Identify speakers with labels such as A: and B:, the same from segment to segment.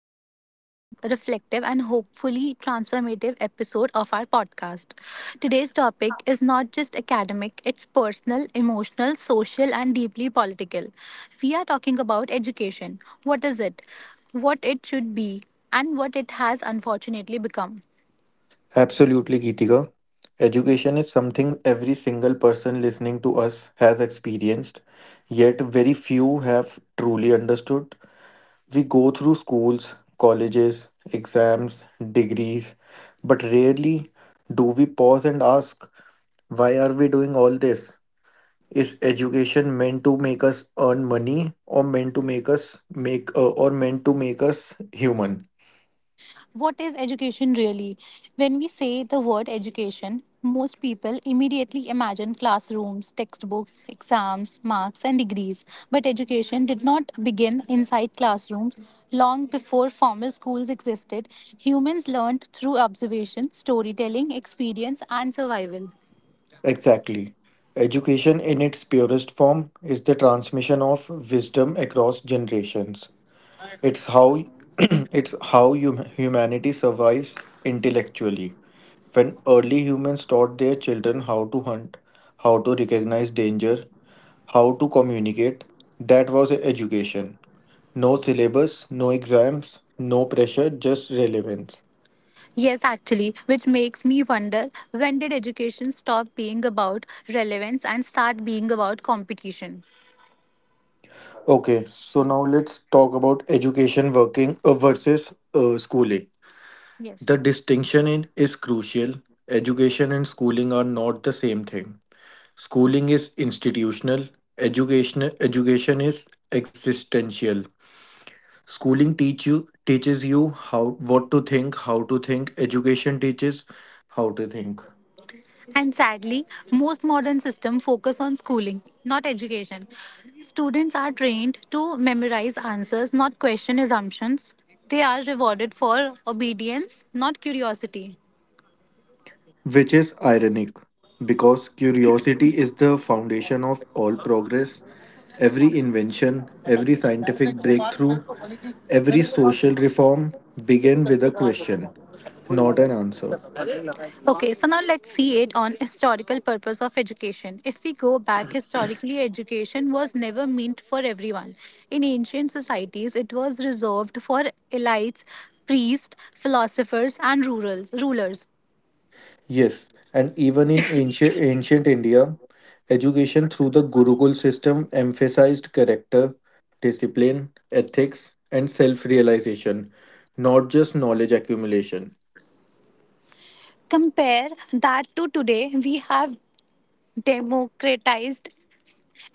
A: to another deep, reflective, and hopefully transformative episode of our podcast. Today's topic is not just academic, it's personal, emotional, social, and deeply political. We are talking about education. What is it? What it should be? And what it has unfortunately become.
B: Absolutely, Geetika. Education is something every single person listening to us has experienced, yet very few have truly understood. We go through schools, colleges, exams, degrees, but rarely do we pause and ask, why are we doing all this? Is education meant to make us earn money or meant to make us make or meant to make us human?
A: What is education really? When we say the word education, most people immediately imagine classrooms, textbooks, exams, marks, and degrees. But education did not begin inside classrooms. Long before formal schools existed, humans learned through observation, storytelling, experience, and survival.
B: Exactly. Education in its purest form is the transmission of wisdom across generations. It's how it's how humanity survives intellectually. When early humans taught their children how to hunt, how to recognize danger, how to communicate, that was education. No syllabus, no exams, no pressure, just relevance.
A: Yes, actually, which makes me wonder when did education stop being about relevance and start being about competition?
B: Okay, so now let's talk about education working versus schooling. The distinction is crucial. Education and schooling are not the same thing. Schooling is institutional, education is existential. Schooling teaches you how what to think, how to think. Education teaches how to think,
A: And sadly, most modern systems focus on schooling, not education. Students are trained to memorize answers, not question assumptions. They are rewarded for obedience, not curiosity.
B: which is ironic because curiosity is the foundation of all progress. Every invention, every scientific breakthrough, every social reform begin with a question, not an answer.
A: Okay, so now let's see it on historical purpose of education. If we go back historically, education was never meant for everyone. In ancient societies, it was reserved for elites, priests, philosophers, and rurals, rulers.
B: Yes, and even in ancient India, education through the Gurukul system emphasized character, discipline, ethics, and self realization, not just knowledge accumulation.
A: Compare that to today, we have democratized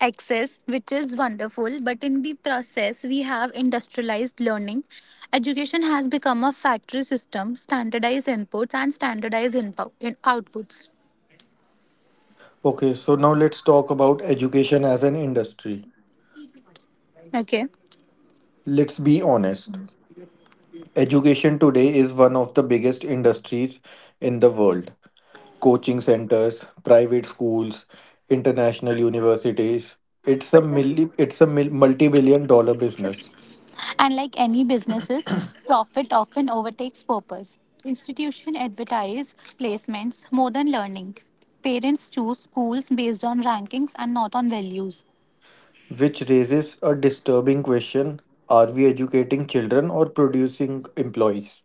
A: access, which is wonderful, but in the process, we have industrialized learning. Education has become a factory system, standardized inputs and standardized inpo- in outputs.
B: Okay, so now let's talk about education as an industry.
A: Okay.
B: Let's be honest. Education today is one of the biggest industries in the world. Coaching centers, private schools, international universities. It's a multi-billion dollar business.
A: And like any businesses, profit often overtakes purpose. Institution advertise placements more than learning. Parents choose schools based on rankings and not on values.
B: Which raises a disturbing question, are we educating children or producing employees?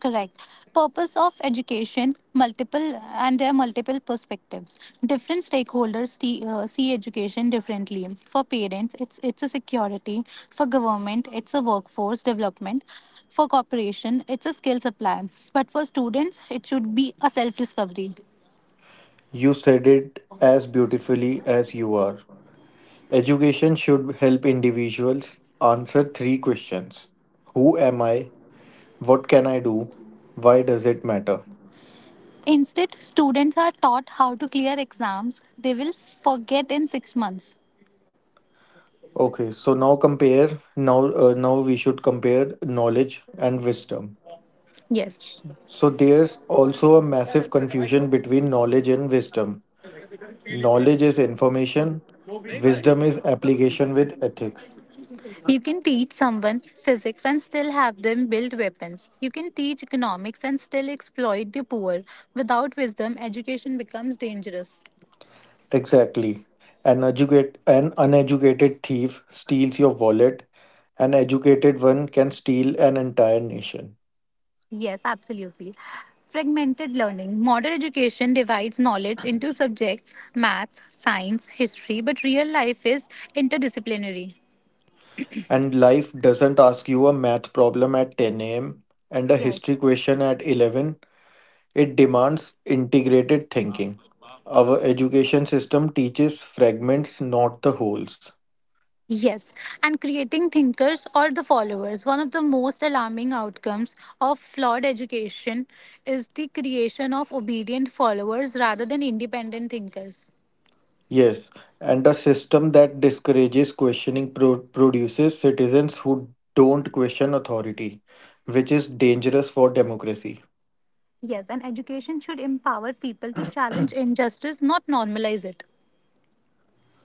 A: Correct. Purpose of education, multiple, and there are multiple perspectives. Different stakeholders see education differently. For parents, it's a security. For government, it's a workforce development. For corporation, it's a skill supply. But for students, it should be a self discovery.
B: You said it as beautifully as you are. Education should help individuals answer three questions. Who am I? What can I do? Why does it matter?
A: Instead, students are taught how to clear exams they will forget in six months.
B: Okay, so now compare. Now we should compare knowledge and wisdom.
A: Yes.
B: S- So there's also a massive confusion between knowledge and wisdom. Knowledge is information, wisdom is application with ethics.
A: You can teach someone physics and still have them build weapons. You can teach economics and still exploit the poor. Without wisdom, education becomes dangerous.
B: Exactly. An uneducated thief steals your wallet, an educated one can steal an entire nation.
A: Yes, absolutely. Fragmented learning. Modern education divides knowledge into subjects maths, science, history, but real life is interdisciplinary.
B: And life doesn't ask you a math problem at 10 a.m. and a
A: Yes.
B: history question at 11. It demands integrated thinking. Our education system teaches fragments, not the wholes.
A: Yes, and creating thinkers or the followers. One of the most alarming outcomes of flawed education is the creation of obedient followers rather than independent thinkers.
B: Yes, and a system that discourages questioning produces citizens who don't question authority, which is dangerous for democracy.
A: Yes, and education should empower people to challenge injustice, not normalize it.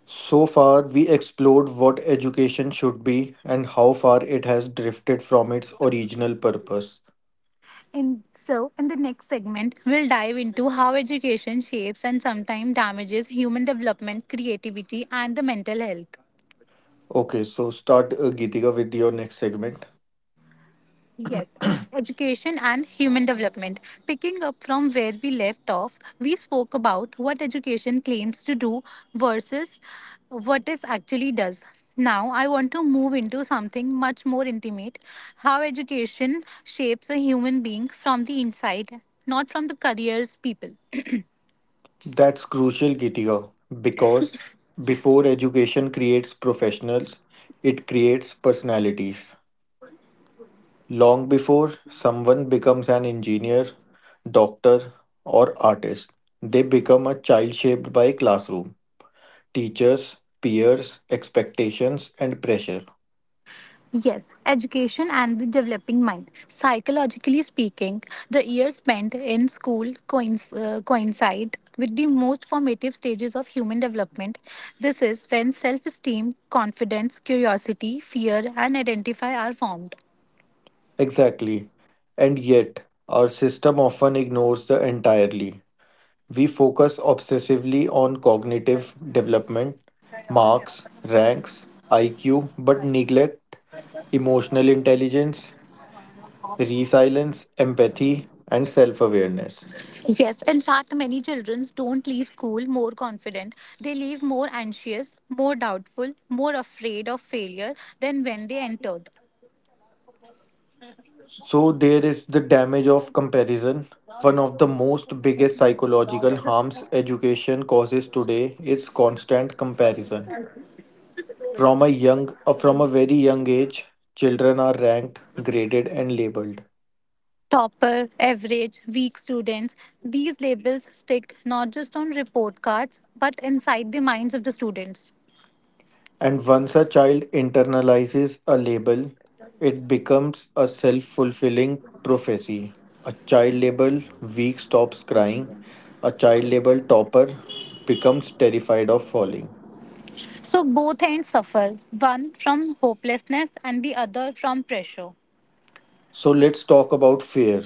B: So far, we explored what education should be and how far it has drifted from its original purpose.
A: And so, in the next segment, we'll dive into how education shapes and sometimes damages human development, creativity, and the mental health.
B: Okay, so start Geetika with your next segment.
A: Yes, it's education and human development. Picking up from where we left off, we spoke about what education claims to do versus what it actually does. Now, I want to move into something much more intimate how education shapes a human being from the inside, not from the careers people.
B: That's crucial, Geetika, because before education creates professionals, it creates personalities. Long before someone becomes an engineer, doctor, or artist, they become a child shaped by classroom, teachers, peers, expectations, and pressure.
A: Yes, education and the developing mind. Psychologically speaking, the years spent in school coincide with the most formative stages of human development. This is when self esteem, confidence, curiosity, fear, and identify are formed.
B: Exactly. And yet, our system often ignores the entirely. We focus obsessively on cognitive development, marks, ranks, IQ, but neglect emotional intelligence, resilience, empathy, and self awareness.
A: Yes, in fact, many children don't leave school more confident. They leave more anxious, more doubtful, more afraid of failure than when they entered.
B: So there is the damage of comparison. One of the most biggest psychological harms education causes today is constant comparison. From a very young age, children are ranked, graded and labeled.
A: Topper, average, weak students. These labels stick not just on report cards but inside the minds of the students.
B: And once a child internalizes a label, it becomes a self-fulfilling prophecy. A child label weak stops crying. A child label topper becomes terrified of falling.
A: So both ends suffer, one from hopelessness and the other from pressure.
B: So let's talk about fear,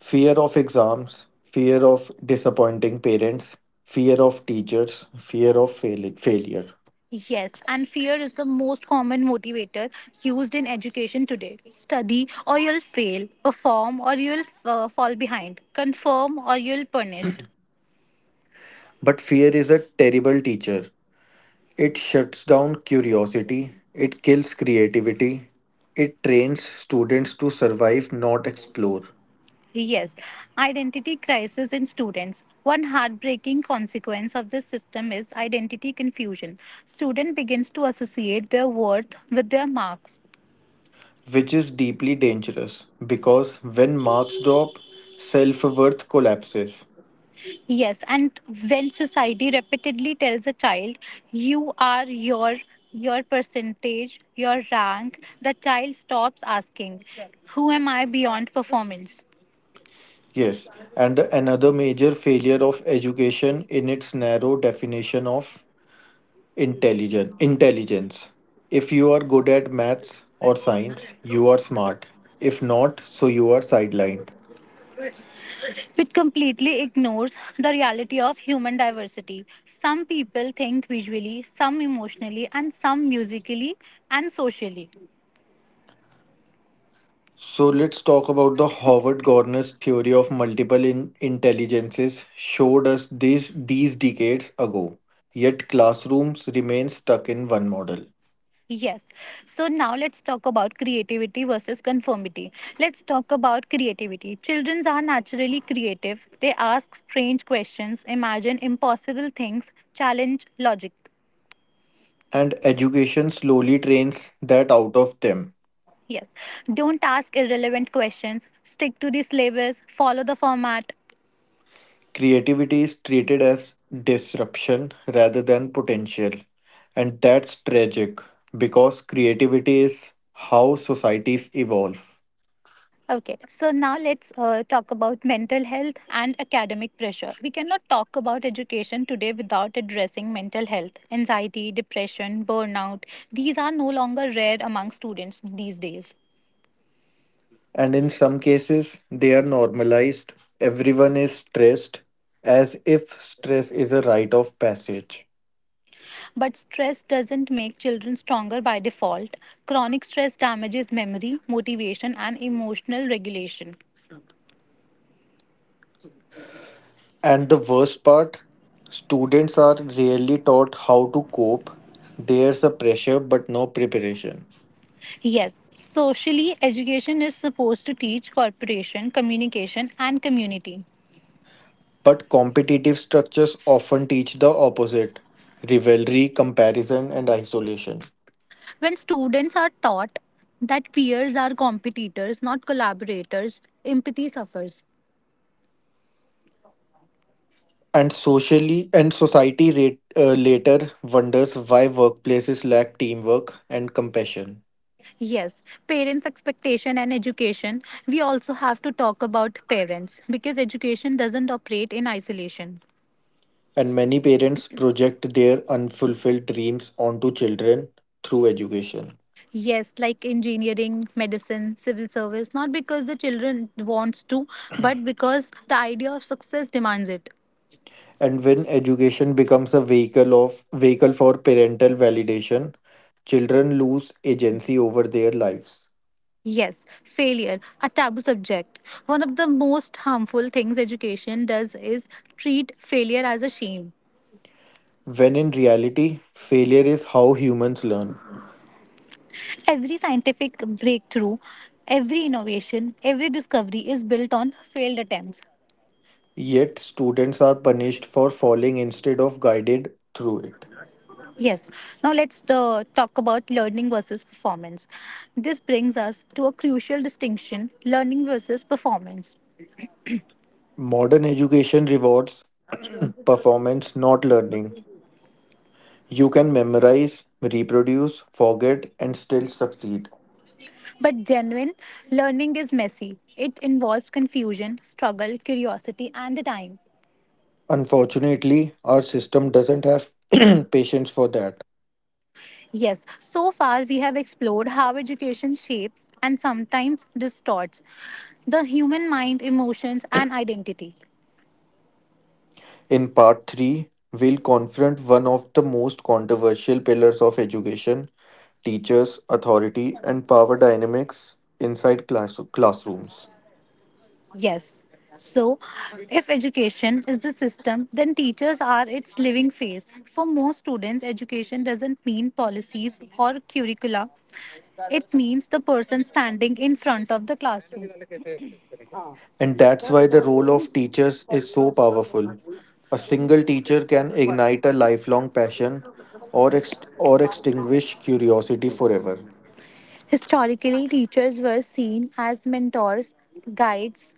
B: fear of exams, fear of disappointing parents, fear of teachers, fear of failure.
A: Yes, and fear is the most common motivator used in education today. Study or you'll fail, perform or you'll fall behind, confirm or you'll punished.
B: But fear is a terrible teacher. It shuts down curiosity, it kills creativity, it trains students to survive, not explore,
A: Yes, identity crisis in students. One heartbreaking consequence of this system is identity confusion. Student begins to associate their worth with their marks.
B: which is deeply dangerous because when marks drop, self worth collapses.
A: Yes, and when society repeatedly tells a child, "You are your percentage, your rank," the child stops asking, "Who am I beyond performance?"
B: Yes, and another major failure of education in its narrow definition of intelligence. If you are good at maths or science, you are smart. If not, so you are sidelined.
A: which completely ignores the reality of human diversity. Some people think visually, some emotionally, and some musically and socially.
B: So let's talk about the Howard Gardner's theory of multiple intelligences showed us this these decades ago. Yet classrooms remain stuck in one model,
A: Yes. So now let's talk about creativity versus conformity. Let's talk about creativity. Children are naturally creative. They ask strange questions, imagine impossible things, challenge logic.
B: and education slowly trains that out of them.
A: Yes. Don't ask irrelevant questions. Stick to the syllabus, follow the format.
B: Creativity is treated as disruption rather than potential, and that's tragic because creativity is how societies evolve.
A: Okay, so now let's talk about mental health and academic pressure. We cannot talk about education today without addressing mental health, anxiety, depression, burnout. These are no longer rare among students these days.
B: And in some cases, they are normalized. Everyone is stressed as if stress is a rite of passage.
A: But stress doesn't make children stronger by default. Chronic stress damages memory, motivation, and emotional regulation.
B: And the worst part, students are rarely taught how to cope. There's a pressure but no preparation.
A: Yes, socially, education is supposed to teach cooperation, communication, and community.
B: But competitive structures often teach the opposite, rivalry, comparison, and isolation.
A: When students are taught that peers are competitors, not collaborators, empathy suffers.
B: And socially and society later wonders why workplaces lack teamwork and compassion.
A: Yes, parents' expectation and education. We also have to talk about parents because education doesn't operate in isolation.
B: And many parents project their unfulfilled dreams onto children through education.
A: Yes, like engineering, medicine, civil service, not because the children wants to, but because the idea of success demands it.
B: And when education becomes a vehicle for parental validation, children lose agency over their lives.
A: Yes, failure, a taboo subject. One of the most harmful things education does is treat failure as a shame.
B: When in reality, failure is how humans learn.
A: Every scientific breakthrough, every innovation, every discovery is built on failed attempts.
B: Yet, students are punished for falling instead of guided through it.
A: Yes, now let's talk about learning versus performance. This brings us to a crucial distinction learning versus performance.
B: Modern education rewards performance, not learning. You can memorize, reproduce, forget, and still succeed.
A: But genuine learning is messy, it involves confusion, struggle, curiosity, and the time.
B: Unfortunately, our system doesn't have patience for that.
A: Yes, so far we have explored how education shapes and sometimes distorts the human mind, emotions, and identity.
B: In part 3, we'll confront one of the most controversial pillars of education, teachers, authority, and power dynamics inside classrooms.
A: Yes. So, if education is the system, then teachers are its living face. For most students, education doesn't mean policies or curricula, it means the person standing in front of the classroom.
B: And that's why the role of teachers is so powerful. A single teacher can ignite a lifelong passion or extinguish curiosity forever.
A: Historically, teachers were seen as mentors, guides,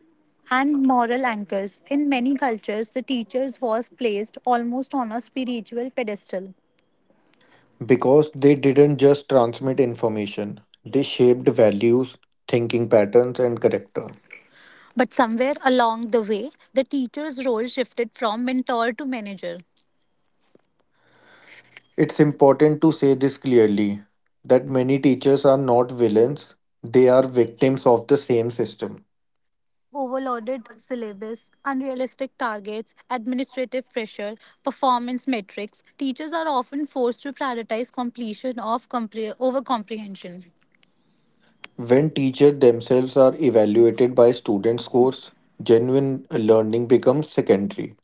A: and moral anchors. In many cultures, the teacher's was placed almost on a spiritual pedestal.
B: Because they didn't just transmit information, they shaped values, thinking patterns, and character.
A: But somewhere along the way, the teacher's role shifted from mentor to manager.
B: It's important to say this clearly that many teachers are not villains, they are victims of the same system.
A: Overloaded syllabus, unrealistic targets, administrative pressure, performance metrics, teachers are often forced to prioritize completion of over comprehension.
B: When teachers themselves are evaluated by student scores, genuine learning becomes secondary.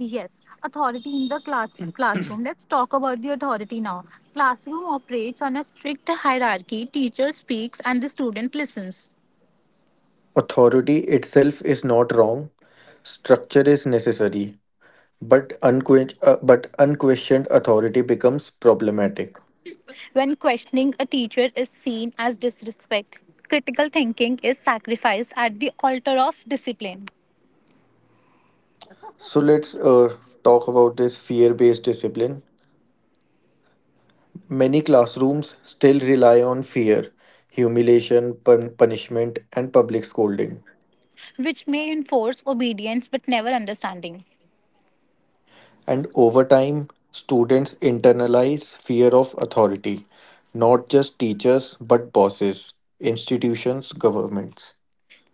A: Yes, authority in the class classroom. Let's talk about the authority now. Classroom operates on a strict hierarchy. Teacher speaks and the student listens.
B: Authority itself is not wrong, structure is necessary, but unquestioned authority becomes problematic.
A: When questioning a teacher is seen as disrespect, critical thinking is sacrificed at the altar of discipline,
B: So let's talk about this fear based discipline. Many classrooms still rely on fear, humiliation, punishment, and public scolding.
A: which may enforce obedience but never understanding.
B: And over time, students internalize fear of authority, not just teachers, but bosses, institutions, governments.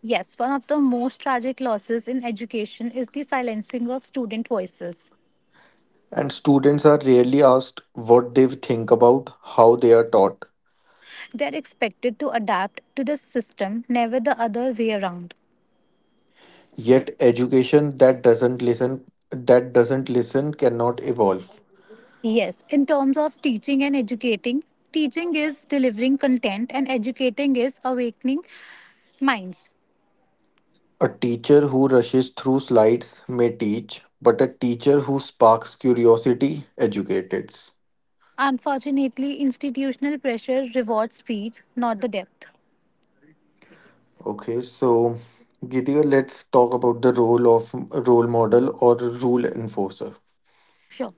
A: Yes, one of the most tragic losses in education is the silencing of student voices.
B: And students are rarely asked what they think about how they are taught.
A: They are expected to adapt to the system, never the other way around.
B: Yet education that doesn't listen cannot evolve.
A: Yes, in terms of teaching and educating, teaching is delivering content and educating is awakening minds.
B: A teacher who rushes through slides may teach, but a teacher who sparks curiosity educates.
A: Unfortunately, institutional pressure rewards speed, not the depth.
B: Okay, so Geetika, let's talk about the role of role model or rule enforcer.
A: Sure.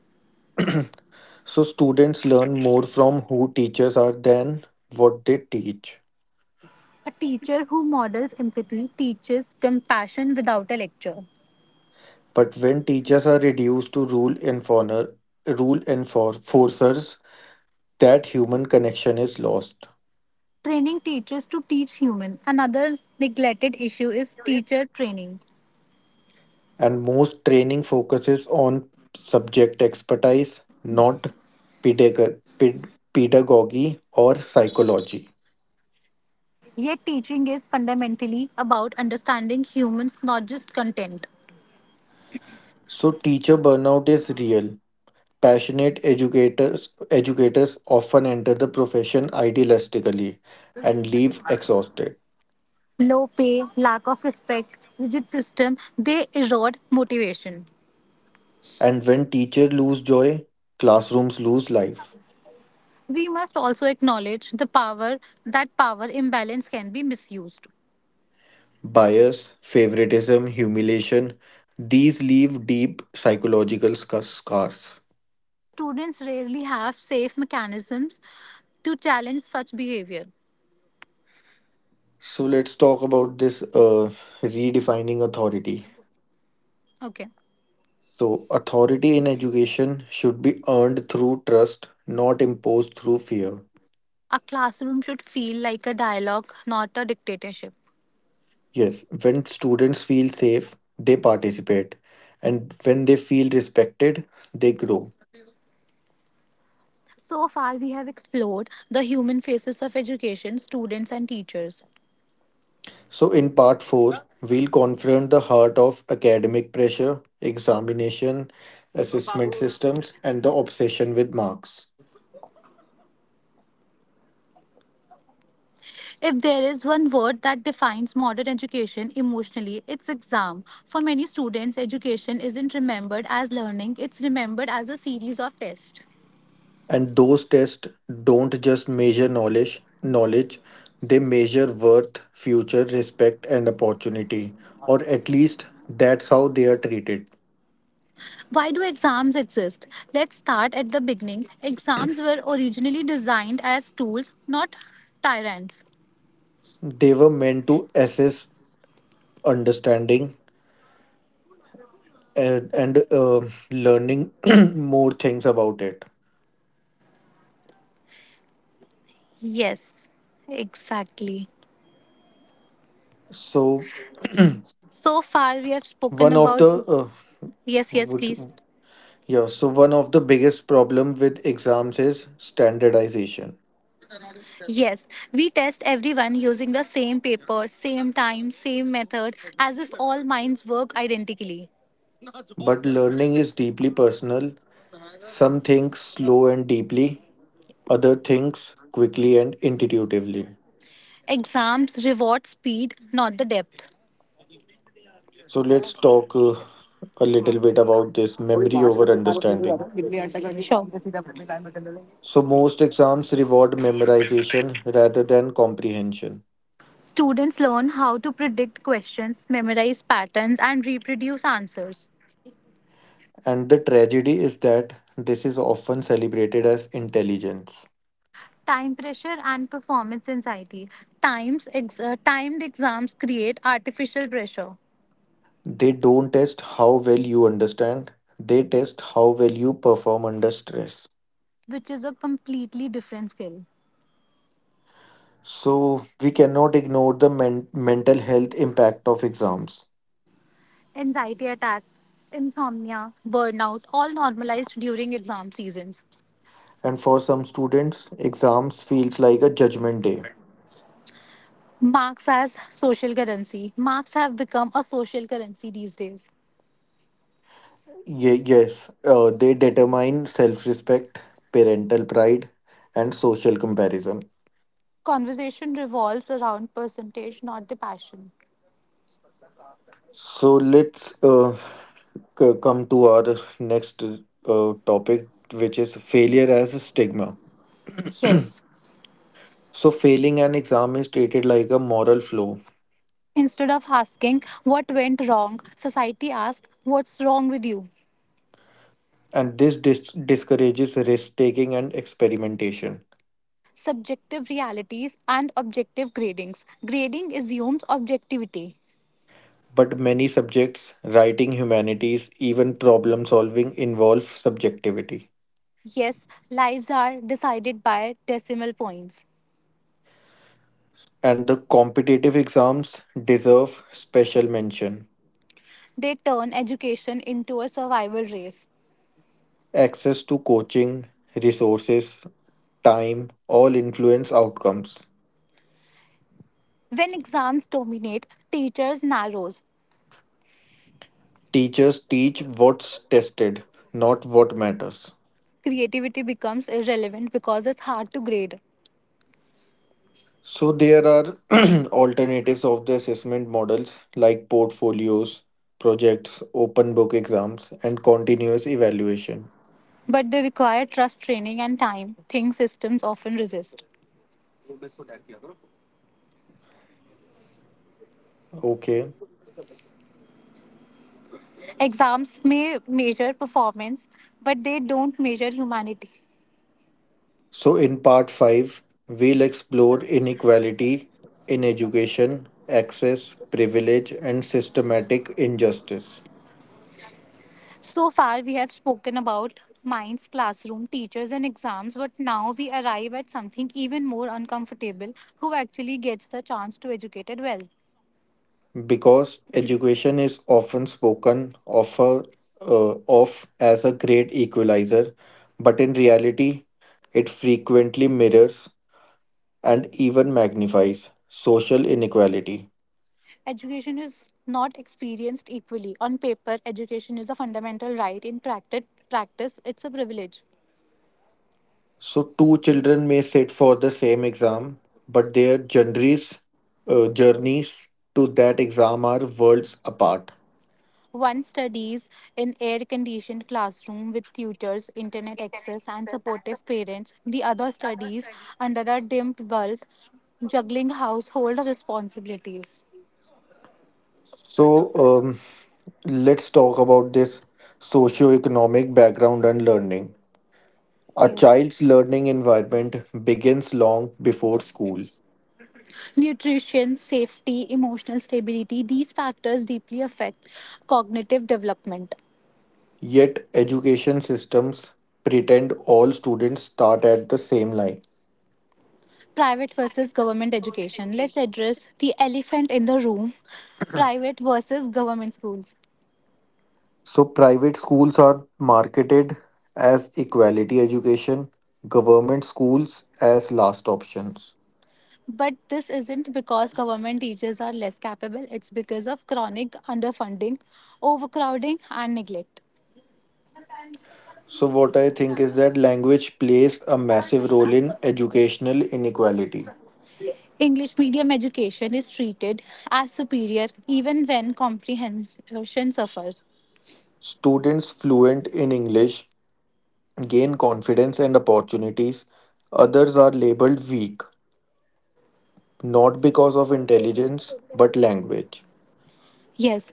B: So students learn more from who teachers are than what they teach.
A: A teacher who models empathy teaches compassion without a lecture.
B: But when teachers are reduced to rule enforcers, that human connection is lost.
A: Training teachers to teach human. Another neglected issue is teacher training.
B: And most training focuses on subject expertise, not pedagogy or psychology.
A: Yet teaching is fundamentally about understanding humans, not just content.
B: So teacher burnout is real. Passionate educators often enter the profession idealistically and leave exhausted.
A: Low pay, lack of respect, rigid system, they erode motivation.
B: And when teachers lose joy, classrooms lose life.
A: We must also acknowledge the power that power imbalance can be misused.
B: Bias, favoritism, humiliation, these leave deep psychological scars.
A: Students rarely have safe mechanisms to challenge such behavior.
B: So let's talk about this redefining authority.
A: Okay.
B: So, authority in education should be earned through trust, not imposed through fear.
A: A classroom should feel like a dialogue, not a dictatorship.
B: Yes, when students feel safe, they participate, and when they feel respected, they grow.
A: So far, we have explored the human faces of education, students, and teachers.
B: So, in part 4, we'll confront the heart of academic pressure, examination, assessment systems, and the obsession with marks.
A: If there is one word that defines modern education emotionally, it's exam. For many students, education isn't remembered as learning, it's remembered as a series of tests.
B: And those tests don't just measure knowledge, they measure worth, future, respect, and opportunity, or at least that's how they are treated.
A: Why do exams exist? Let's start at the beginning. Exams were originally designed as tools, not tyrants.
B: They were meant to assess understanding, and learning more things about it.
A: Yes, exactly.
B: So
A: So far, we have spoken
B: one of
A: about.
B: the uh,
A: Yes, yes,
B: would
A: please.
B: one of the biggest problem with exams is standardization,
A: Yes, we test everyone using the same paper, same time, same method, as if all minds work identically.
B: but learning is deeply personal. Some think slow and deeply, other things quickly and intuitively.
A: Exams reward speed, not the depth.
B: So let's talk a little bit about this memory over understanding.
A: Sure.
B: So most exams reward memorization rather than comprehension.
A: Students learn how to predict questions, memorize patterns, and reproduce answers.
B: And the tragedy is that this is often celebrated as intelligence.
A: Time pressure and performance anxiety. Timed exams create artificial pressure,
B: They don't test how well you understand, they test how well you perform under stress.
A: which is a completely different skill.
B: So, we cannot ignore the mental health impact of exams.
A: Anxiety attacks, insomnia, burnout, all normalized during exam seasons.
B: And for some students, exams feels like a judgment day.
A: Marks as social currency. Marks have become a social currency these days.
B: Yes, they determine self-respect, parental pride, and social comparison.
A: Conversation revolves around percentage, not the passion.
B: So let's come to our next topic, which is failure as a stigma.
A: Yes.
B: So, failing an exam is treated like a moral flaw,
A: Instead of asking what went wrong, society asks what's wrong with you.
B: and this discourages risk taking and experimentation.
A: Subjective realities and objective gradings. Grading assumes objectivity.
B: But many subjects, writing, humanities, even problem solving, involve subjectivity.
A: Yes, lives are decided by decimal points.
B: And the competitive exams deserve special mention.
A: They turn education into a survival race.
B: Access to coaching, resources, time all influence outcomes.
A: When exams dominate, teachers narrows.
B: Teachers teach what's tested, not what matters.
A: Creativity becomes irrelevant because it's hard to grade.
B: So there are alternatives of the assessment models like portfolios, projects, open book exams, and continuous evaluation.
A: But they require trust training and time, things systems often resist.
B: Okay.
A: Exams may measure performance, but they don't measure humanity.
B: So in part 5, we'll explore inequality in education, access, privilege, and systematic injustice.
A: So far, we have spoken about minds, classroom, teachers, and exams, but now we arrive at something even more uncomfortable who actually gets the chance to educate it well.
B: Because education is often spoken of as a great equalizer, but in reality, it frequently mirrors and even magnifies social inequality.
A: Education is not experienced equally. On paper, education is a fundamental right. In practice, it's a privilege.
B: So, two children may sit for the same exam, but their journeys to that exam are worlds apart.
A: One studies in air conditioned classroom with tutors, internet access, and supportive parents. The other studies under a dimmed bulb, juggling household responsibilities.
B: So, let's talk about this socio-economic background and learning. A
A: Yes.
B: child's learning environment begins long before school.
A: Nutrition, safety, emotional stability, these factors deeply affect cognitive development.
B: Yet education systems pretend all students start at the same line.
A: Private versus government education. Let's address the elephant in the room private versus government schools.
B: So private schools are marketed as equality education, government schools as last options.
A: But this isn't because government teachers are less capable, it's because of chronic underfunding, overcrowding, and neglect.
B: So what I think is that language plays a massive role in educational inequality.
A: English medium education is treated as superior even when comprehension suffers.
B: Students fluent in English gain confidence and opportunities. Others are labeled weak not because of intelligence but language.
A: Yes,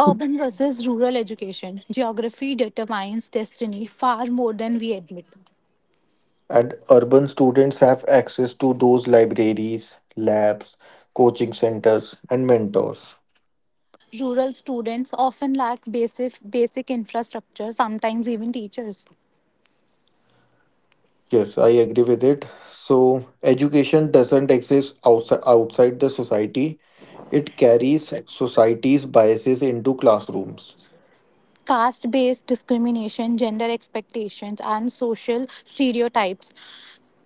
A: urban versus rural education. Geography determines destiny far more than we admit.
B: And urban students have access to those libraries, labs, coaching centers, and mentors.
A: Rural students often lack basic infrastructure, sometimes even teachers.
B: Yes, I agree with it. So, education doesn't exist outside the society, it carries society's biases into classrooms.
A: Caste based discrimination, gender expectations, and social stereotypes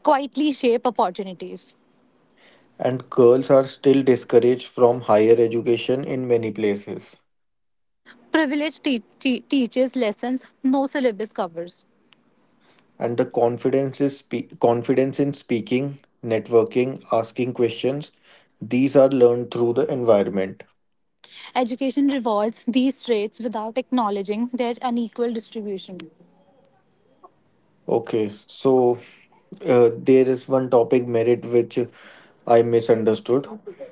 A: quietly shape opportunities.
B: And girls are still discouraged from higher education in many places.
A: Privilege teaches lessons no syllabus covers.
B: And the confidence in speaking, networking, asking questions. These are learned through the environment.
A: Education rewards these traits without acknowledging their unequal distribution.
B: Okay, so there is one topic merit which I misunderstood.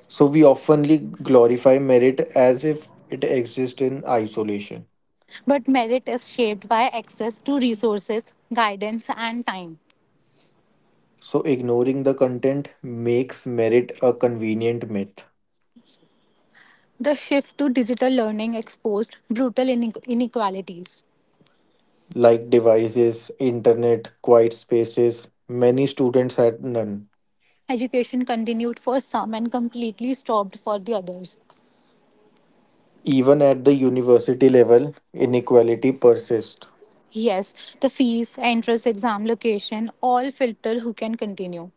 B: So we oftenly glorify merit as if it exists in isolation.
A: But merit is shaped by access to resources, guidance, and time.
B: So ignoring the content makes merit a convenient myth.
A: The shift to digital learning exposed brutal inequalities.
B: Like devices, internet, quiet spaces, many students had none.
A: Education continued for some and completely stopped for the others.
B: Even at the university level, inequality persists.
A: Yes, the fees, entrance exam location all filter who can continue.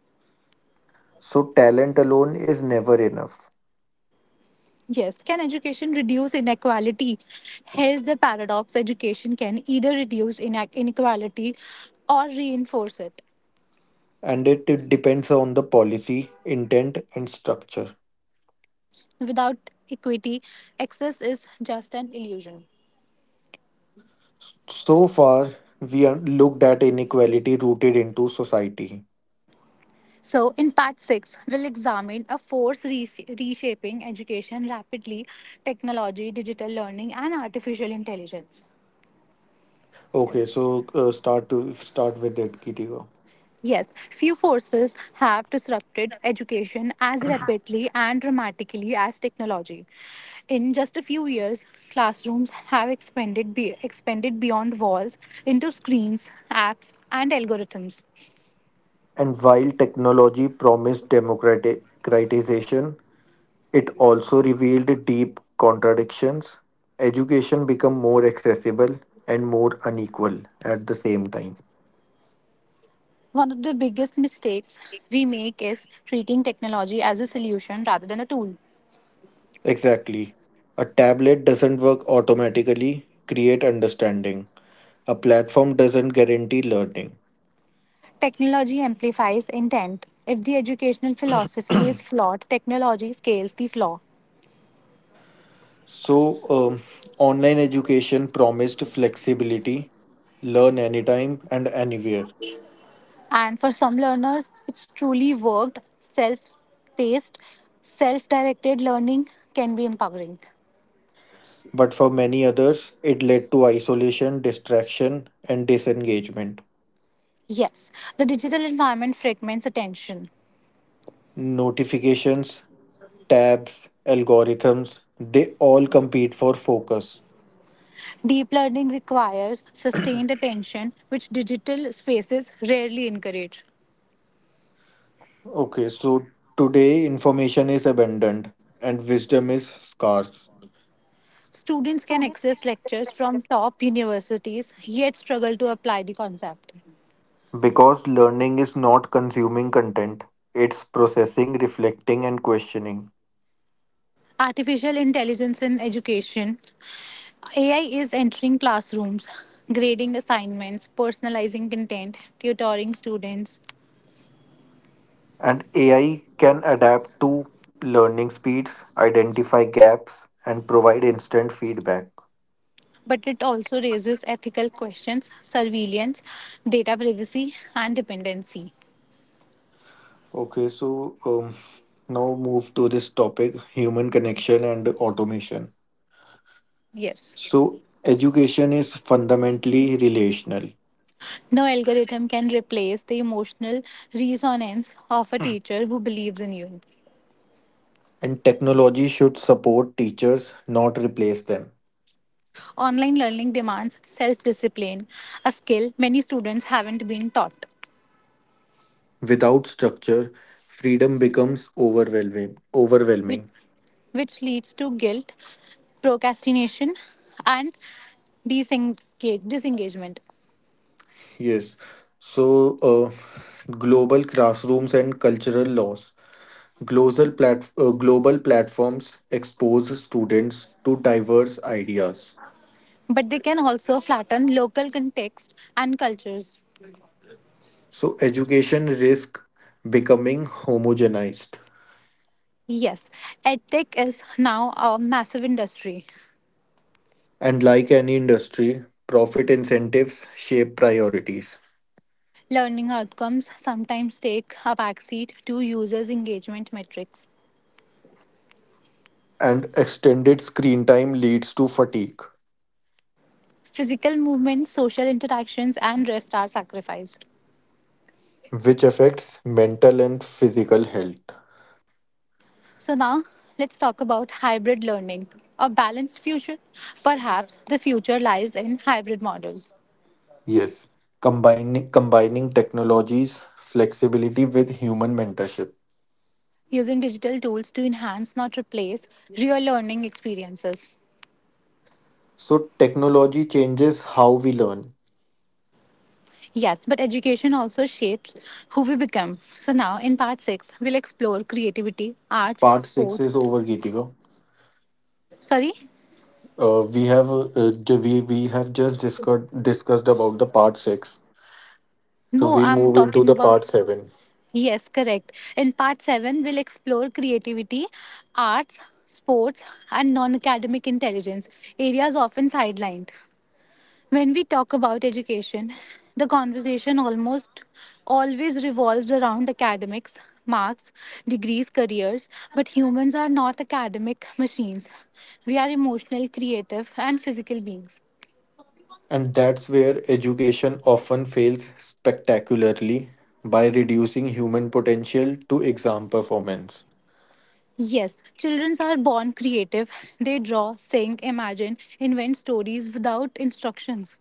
B: So, talent alone is never enough.
A: Yes, can education reduce inequality? Here's the paradox: education can either reduce inequality or reinforce it.
B: And it depends on the policy, intent, and structure.
A: Without equity, access is just an illusion.
B: So far, we are looked at inequality rooted into society.
A: So, in part 6, we'll examine a force reshaping education rapidly, technology, digital learning, and artificial intelligence.
B: Okay, so start with it, Kitika.
A: Yes, few forces have disrupted education as rapidly and dramatically as technology. In just a few years, classrooms have expanded beyond walls into screens, apps, and algorithms.
B: And while technology promised democratization, it also revealed deep contradictions: education became more accessible and more unequal at the same time.
A: One of the biggest mistakes we make is treating technology as a solution rather than a tool.
B: Exactly. A tablet doesn't work automatically, create understanding. A platform doesn't guarantee learning.
A: Technology amplifies intent. If the educational philosophy is flawed, technology scales the flaw.
B: So, um, online education promised flexibility, learn anytime and anywhere.
A: And for some learners, it's truly worked, self paced, self directed learning can be empowering.
B: But for many others, it led to isolation, distraction, and disengagement.
A: Yes, the digital environment fragments attention.
B: Notifications, tabs, algorithms, they all compete for focus.
A: Deep learning requires sustained attention, which digital spaces rarely encourage.
B: Okay, so today information is abundant and wisdom is scarce,
A: Students can access lectures from top universities, yet struggle to apply the concept.
B: because learning is not consuming content, it's processing, reflecting, and questioning.
A: Artificial intelligence in education. AI is entering classrooms, grading assignments, personalizing content, tutoring students.
B: And AI can adapt to learning speeds, identify gaps, and provide instant feedback.
A: But it also raises ethical questions, surveillance, data privacy, and dependency.
B: Okay, so now move to this topic human connection and automation.
A: Yes.
B: So, education is fundamentally relational,
A: No algorithm can replace the emotional resonance of a teacher who believes in you.
B: and technology should support teachers, not replace them.
A: Online learning demands self discipline, a skill many students haven't been taught.
B: Without structure, freedom becomes overwhelming.
A: which,
B: Overwhelming.
A: which leads to guilt, procrastination, and disengagement.
B: Yes. So, global classrooms and cultural laws. Global platforms expose students to diverse ideas.
A: But they can also flatten local context and cultures.
B: So, education risk becoming homogenized.
A: Yes, edtech is now a massive industry.
B: And like any industry, profit incentives shape priorities.
A: Learning outcomes sometimes take a backseat to users' engagement metrics.
B: And extended screen time leads to fatigue,
A: Physical movement, social interactions, and rest are sacrificed.
B: which affects mental and physical health.
A: So now let's talk about hybrid learning, a balanced future. Perhaps the future lies in hybrid models,
B: Yes, combining technologies, flexibility with human mentorship.
A: using digital tools to enhance, not replace, real learning experiences.
B: So, technology changes how we learn.
A: Yes, but education also shapes who we become. So now in part 6, we'll explore creativity, arts,
B: Part 6
A: sports.
B: is over, Geetika.
A: Sorry?
B: We have just discussed about the part 6, so
A: No,
B: we'll
A: I'm
B: move into
A: talking
B: the
A: about.
B: part 7.
A: Yes, correct. In part 7, we'll explore creativity, arts, sports, and non academic intelligence, areas often sidelined. When we talk about education, the conversation almost always revolves around academics, marks, degrees, careers, but humans are not academic machines. We are emotional, creative, and physical beings.
B: And that's where education often fails spectacularly by reducing human potential to exam performance.
A: Yes, children are born creative. They draw, sing, imagine, invent stories without instructions.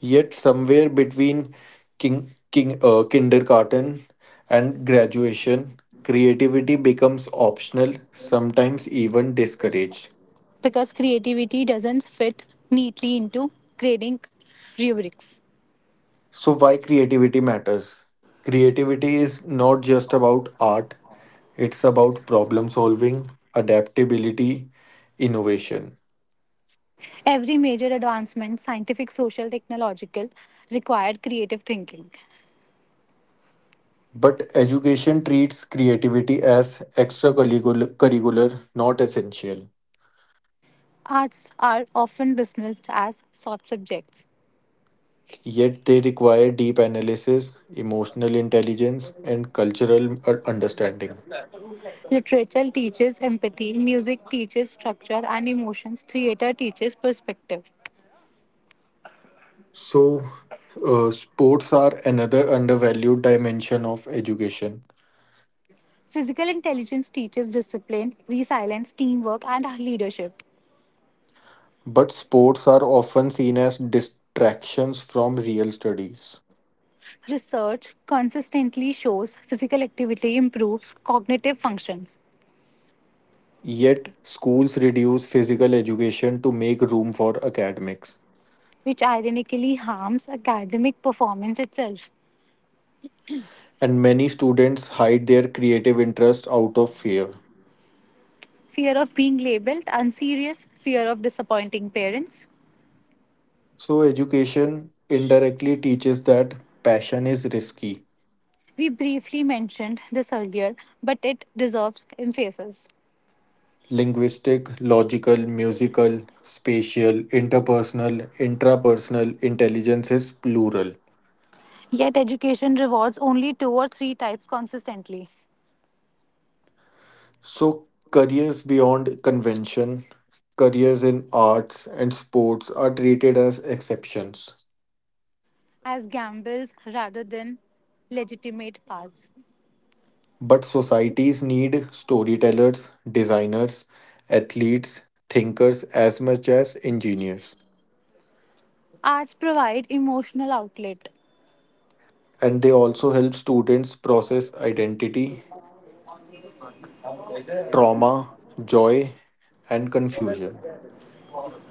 B: Yet, somewhere between kindergarten and graduation, creativity becomes optional, sometimes even discouraged.
A: Because creativity doesn't fit neatly into grading rubrics.
B: So, why creativity matters? Creativity is not just about art, it's about problem solving, adaptability, innovation.
A: Every major advancement, scientific, social, technological, required creative thinking.
B: But education treats creativity as extracurricular, not essential.
A: Arts are often dismissed as soft subjects.
B: Yet they require deep analysis, emotional intelligence, and cultural understanding.
A: Literature teaches empathy, music teaches structure and emotions, theater teaches perspective.
B: So, sports are another undervalued dimension of education.
A: Physical intelligence teaches discipline, resilience, teamwork, and leadership.
B: But sports are often seen as distractions from real studies.
A: Research consistently shows physical activity improves cognitive functions.
B: Yet, schools reduce physical education to make room for academics.
A: Which ironically harms academic performance itself.
B: And many students hide their creative interests out of fear.
A: Fear of being labeled unserious, fear of disappointing parents.
B: So, education indirectly teaches that passion is risky.
A: We briefly mentioned this earlier, but it deserves emphasis.
B: Linguistic, logical, musical, spatial, interpersonal, intrapersonal intelligence is plural.
A: Yet, education rewards only two or three types consistently,
B: So, careers beyond convention, careers in arts and sports are treated as exceptions.
A: as gambles rather than legitimate paths.
B: But societies need storytellers, designers, athletes, thinkers as much as engineers.
A: Arts provide emotional outlet.
B: And they also help students process identity, trauma, joy, and confusion.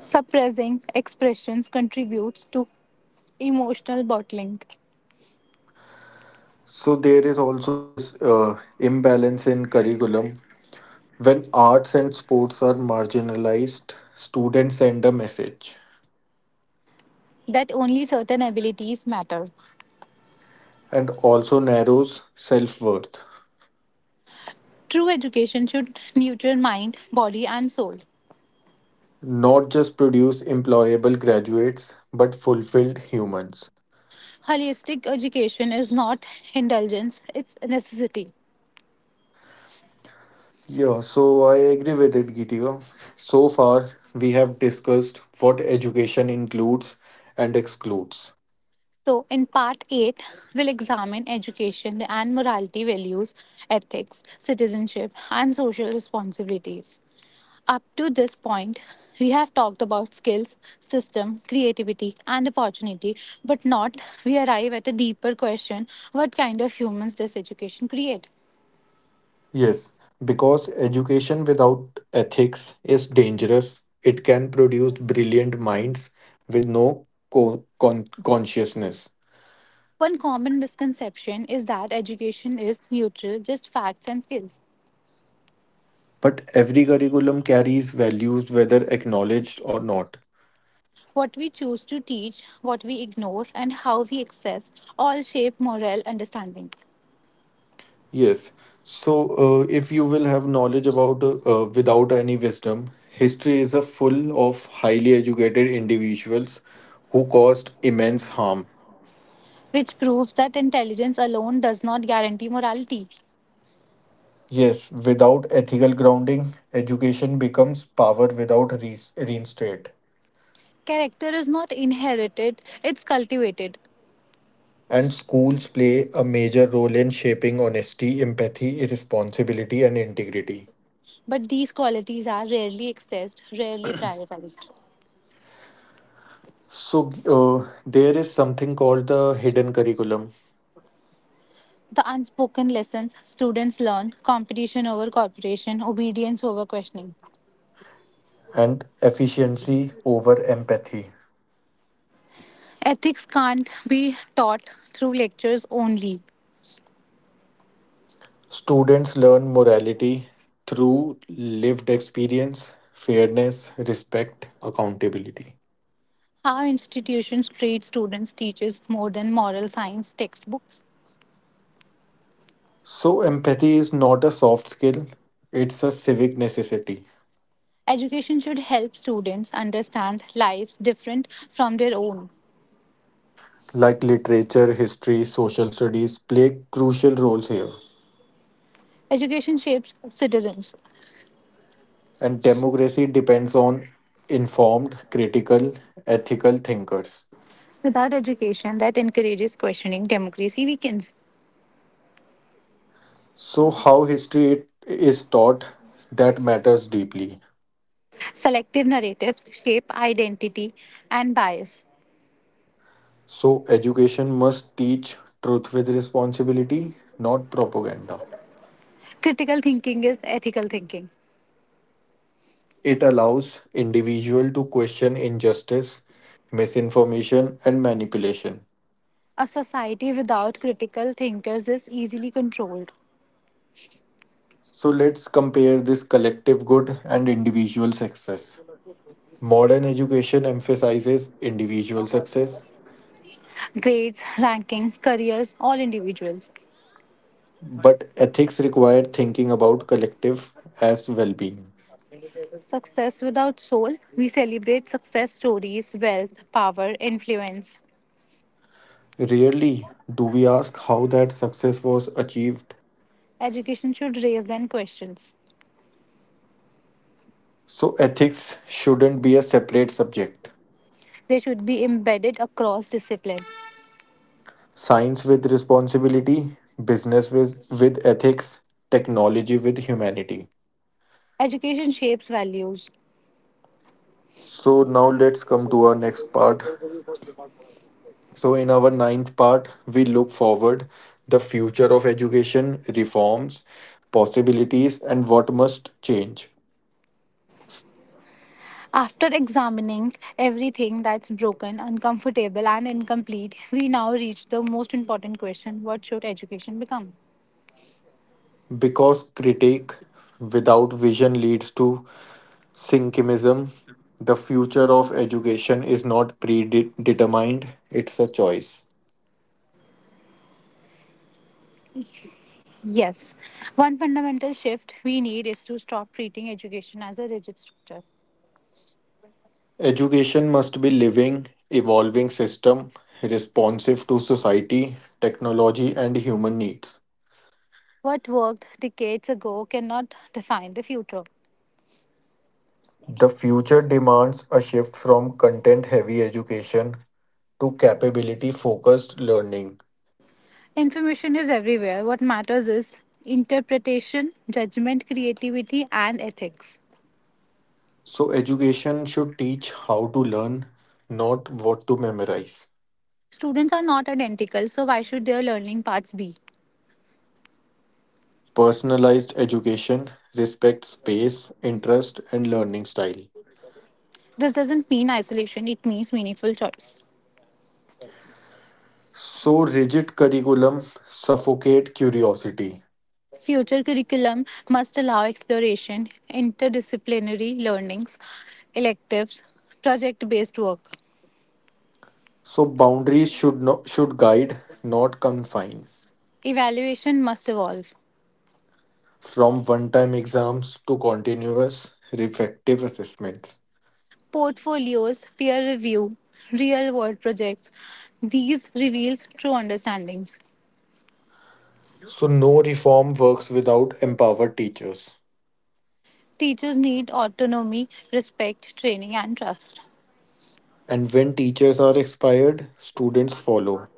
A: Suppressing expressions contributes to emotional bottling,
B: So there is also this imbalance in curriculum. When arts and sports are marginalized, students send a message,
A: that only certain abilities matter.
B: and also narrows self worth.
A: True education should nurture mind, body, and soul.
B: Not just produce employable graduates, but fulfilled humans.
A: Holistic education is not indulgence, it's a necessity.
B: Yeah, so I agree with it, Geetika. So far, we have discussed what education includes and excludes.
A: So, in part 8, we'll examine education and morality values, ethics, citizenship, and social responsibilities. Up to this point, we have talked about skills, system, creativity, and opportunity, but not. We arrive at a deeper question: what kind of humans does education create?
B: Yes, because education without ethics is dangerous. It can produce brilliant minds with no consciousness.
A: One common misconception is that education is neutral, just facts and skills.
B: But every curriculum carries values, whether acknowledged or not.
A: What we choose to teach, what we ignore, and how we access all shape moral understanding,
B: Yes. So, if you will have knowledge about without any wisdom, history is a full of highly educated individuals who caused immense harm.
A: which proves that intelligence alone does not guarantee morality.
B: Yes, without ethical grounding, education becomes power without re reinstate.
A: Character is not inherited, it's cultivated.
B: And schools play a major role in shaping honesty, empathy, responsibility, and integrity.
A: But these qualities are rarely accessed, rarely prioritized.
B: So, there is something called the hidden curriculum,
A: The unspoken lessons students learn: competition over cooperation, obedience over questioning.
B: and efficiency over empathy.
A: Ethics can't be taught through lectures only.
B: Students learn morality through lived experience, fairness, respect, accountability.
A: How institutions treat students teaches more than moral science textbooks.
B: So, empathy is not a soft skill, it's a civic necessity.
A: Education should help students understand lives different from their own.
B: Like literature, history, social studies play crucial roles here.
A: Education shapes citizens.
B: And democracy depends on informed, critical, ethical thinkers.
A: Without education that encourages questioning, democracy weakens.
B: So, how history is taught, that matters deeply.
A: Selective narratives shape identity and bias.
B: So, education must teach truth with responsibility, not propaganda.
A: Critical thinking is ethical thinking.
B: It allows individual to question injustice, misinformation and manipulation.
A: A society without critical thinkers is easily controlled.
B: So, let's compare this collective good and individual success. Modern education emphasizes individual success,
A: Grades, rankings, careers, all individuals.
B: but ethics require thinking about collective as well-being.
A: Success without soul, we celebrate success stories, wealth, power, influence.
B: Rarely do we ask how that success was achieved.
A: Education should raise them questions.
B: So, ethics shouldn't be a separate subject.
A: They should be embedded across discipline.
B: Science with responsibility, business with ethics, technology with humanity.
A: Education shapes values.
B: So, now let's come to our next part. So, in our ninth part, we look forward the future of education, reforms, possibilities, and what must change.
A: After examining everything that's broken, uncomfortable, and incomplete, we now reach the most important question: what should education become?
B: Because critique without vision leads to synchimism, the future of education is not predetermined, it's a choice.
A: Yes, one fundamental shift we need is to stop treating education as a rigid structure.
B: Education must be living, evolving system responsive to society, technology and human needs.
A: What worked decades ago cannot define the future.
B: The future demands a shift from content heavy education to capability focused learning.
A: Information is everywhere. What matters is interpretation, judgment, creativity, and ethics.
B: So education should teach how to learn, not what to memorize.
A: Students are not identical, so why should their learning paths be?
B: Personalized education respects space, interest and learning style.
A: This doesn't mean isolation, it means meaningful choice.
B: So rigid curriculum suffocate curiosity.
A: Future curriculum must allow exploration, interdisciplinary learnings, electives, project based work.
B: So boundaries should guide, not confine.
A: Evaluation must evolve.
B: From one-time exams to continuous reflective assessments.
A: Portfolios, peer review, real world projects. These reveals true understandings.
B: So no reform works without empowered teachers.
A: Teachers need autonomy, respect, training, and trust.
B: And when teachers are inspired, students follow.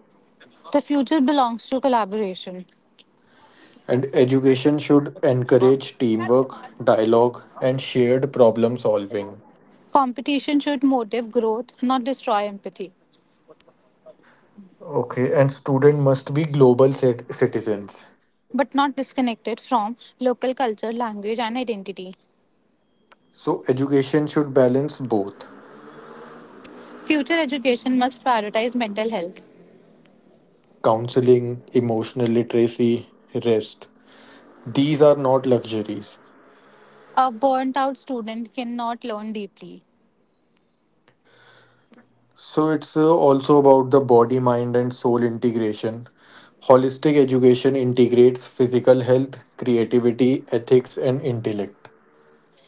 A: The future belongs to collaboration.
B: And education should encourage teamwork, dialogue, and shared problem solving.
A: Competition should motivate growth, not destroy empathy,
B: Okay, and student must be citizens.
A: but not disconnect it from local culture, language, and identity.
B: So education should balance both
A: Future education must prioritize mental health.
B: counseling, emotional literacy, rest. These are not luxuries.
A: A burnt out student cannot learn deeply.
B: So it's also about the body, mind, and soul integration. Holistic education integrates physical health, creativity, ethics, and intellect.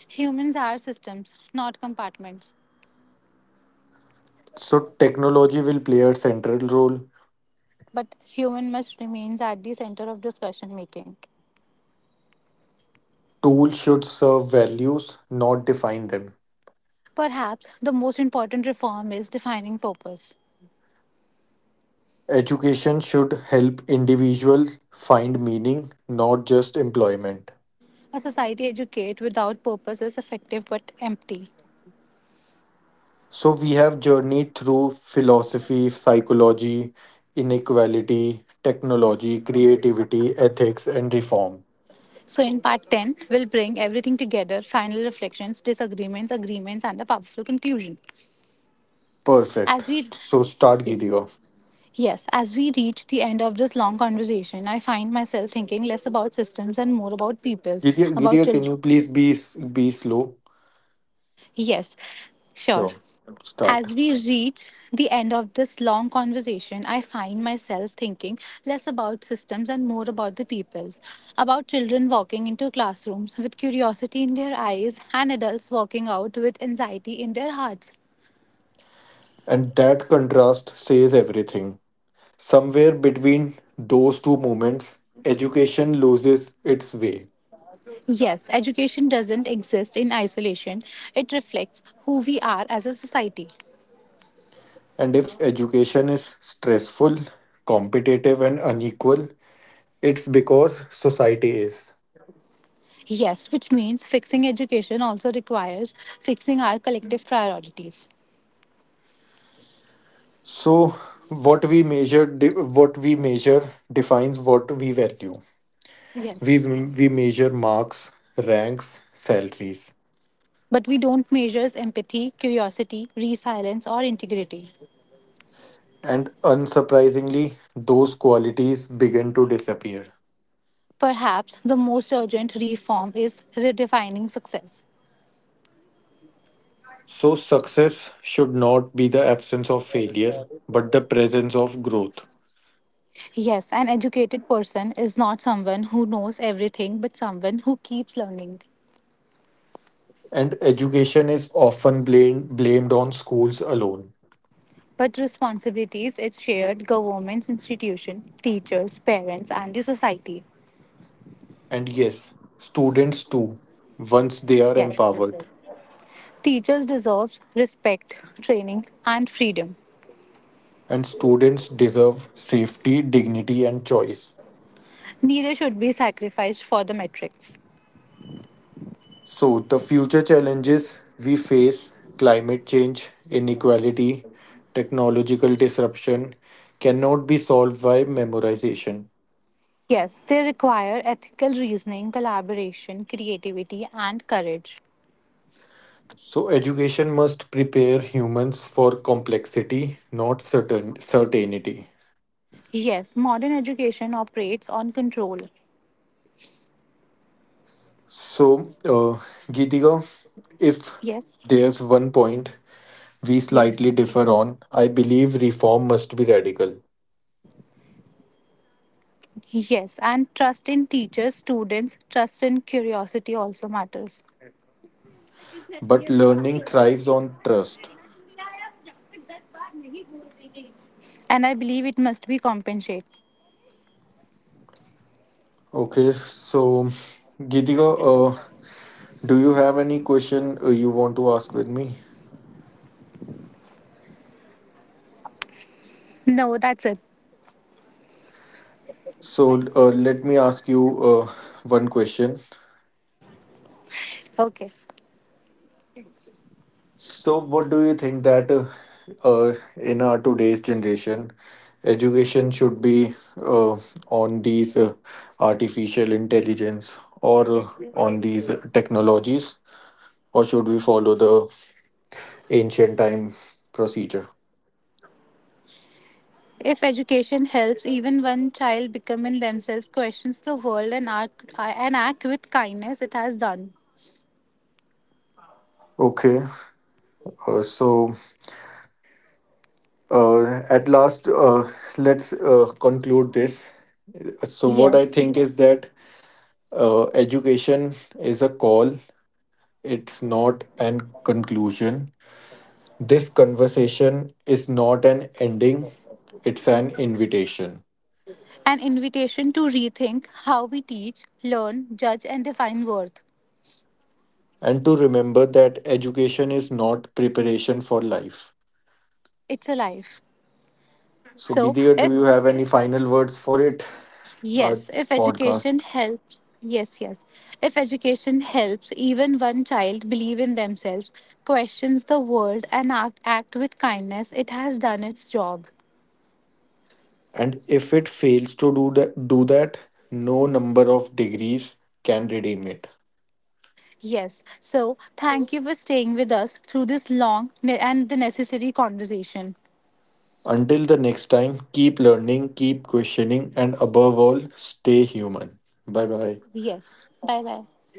A: Humans are systems, not compartments.
B: So technology will play a central role.
A: But human must remains at the center of discussion making.
B: Tools should serve values, not define them.
A: Perhaps the most important reform is defining purpose.
B: Education should help individuals find meaning, not just employment.
A: A society educate without purpose is effective but empty.
B: So we have journeyed through philosophy, psychology, inequality, technology, creativity, ethics, and reform.
A: So in part 10 we'll bring everything together, final reflections, disagreements, agreements and a powerful conclusion.
B: Perfect.
A: As we—
B: So start,
A: Ye-
B: Gideon.
A: Yes, as we reach the end of this long conversation, I find myself thinking less about systems and more about peoples,
B: Gideon,
A: about
B: Gideon, can
A: children.
B: you please be slow?
A: Yes, sure.
B: Sure. Start.
A: As we reach the end of this long conversation, I find myself thinking less about systems and more about the people, about children walking into classrooms with curiosity in their eyes and adults walking out with anxiety in their hearts.
B: And that contrast says everything. Somewhere between those two moments, education loses its way.
A: Yes, education doesn't exist in isolation, it reflects who we are as a society.
B: And if education is stressful, competitive, and unequal, it's because society is.
A: Yes, which means fixing education also requires fixing our collective priorities.
B: So what we measure de- what we measure defines what we value. We
A: Yes.
B: we measure marks, ranks, salaries.
A: But we don't measure empathy, curiosity, resilience, or integrity.
B: And unsurprisingly, those qualities begin to disappear.
A: Perhaps the most urgent reform is redefining success.
B: So success should not be the absence of failure, but the presence of growth.
A: Yes, an educated person is not someone who knows everything, but someone who keeps learning.
B: And education is often blamed on schools alone.
A: But responsibilities it's shared: governments, institutions, teachers, parents, and the society.
B: And yes, students too, once they are
A: Yes.
B: empowered.
A: Teachers deserves respect, training, and freedom.
B: And students deserve safety, dignity, and choice.
A: Neither should be sacrificed for the metrics.
B: So, the future challenges we face climate change, inequality, technological disruption cannot be solved by memorization.
A: Yes, they require ethical reasoning, collaboration, creativity, and courage.
B: So, education must prepare humans for complexity, not certainty.
A: Yes, modern education operates on control.
B: So, Geetika, if
A: Yes,
B: there's one point we
A: yes,
B: slightly differ on, I believe reform must be radical.
A: yes, and trust in teachers, students, trust in curiosity also matters.
B: But learning thrives on trust.
A: And I believe it must be compensated.
B: Okay, so Geetika, uh, do you have any question you want to ask with me?
A: No, that's it.
B: So let me ask you one question.
A: Okay.
B: So what do you think that uh, in our today's generation, education should be uh, on these artificial intelligence or on these technologies, or should we follow the ancient time procedure?
A: If education helps even one child becoming themselves, questions the world and act with kindness, it has done.
B: Okay, so at last, let's conclude this. So, what I
A: Yes.
B: think is that education is a call, it's not an conclusion. This conversation is not an ending, it's an invitation.
A: An invitation to rethink how we teach, learn, judge, and define worth.
B: And to remember that education is not preparation for life.
A: It's a life.
B: So,
A: So,
B: Gideon, do
A: if
B: you have any final words for it? Our
A: yes, if
B: podcast.
A: education helps, yes, yes, if education helps even one child believe in themselves, questions the world, and act, act with kindness, it has done its job.
B: And if it fails to do that, no number of degrees can redeem it.
A: Yes. So, thank you for staying with us through this long and the necessary conversation.
B: Until the next time, keep learning, keep questioning, and above all, stay human. Bye bye.
A: Yes. Bye bye.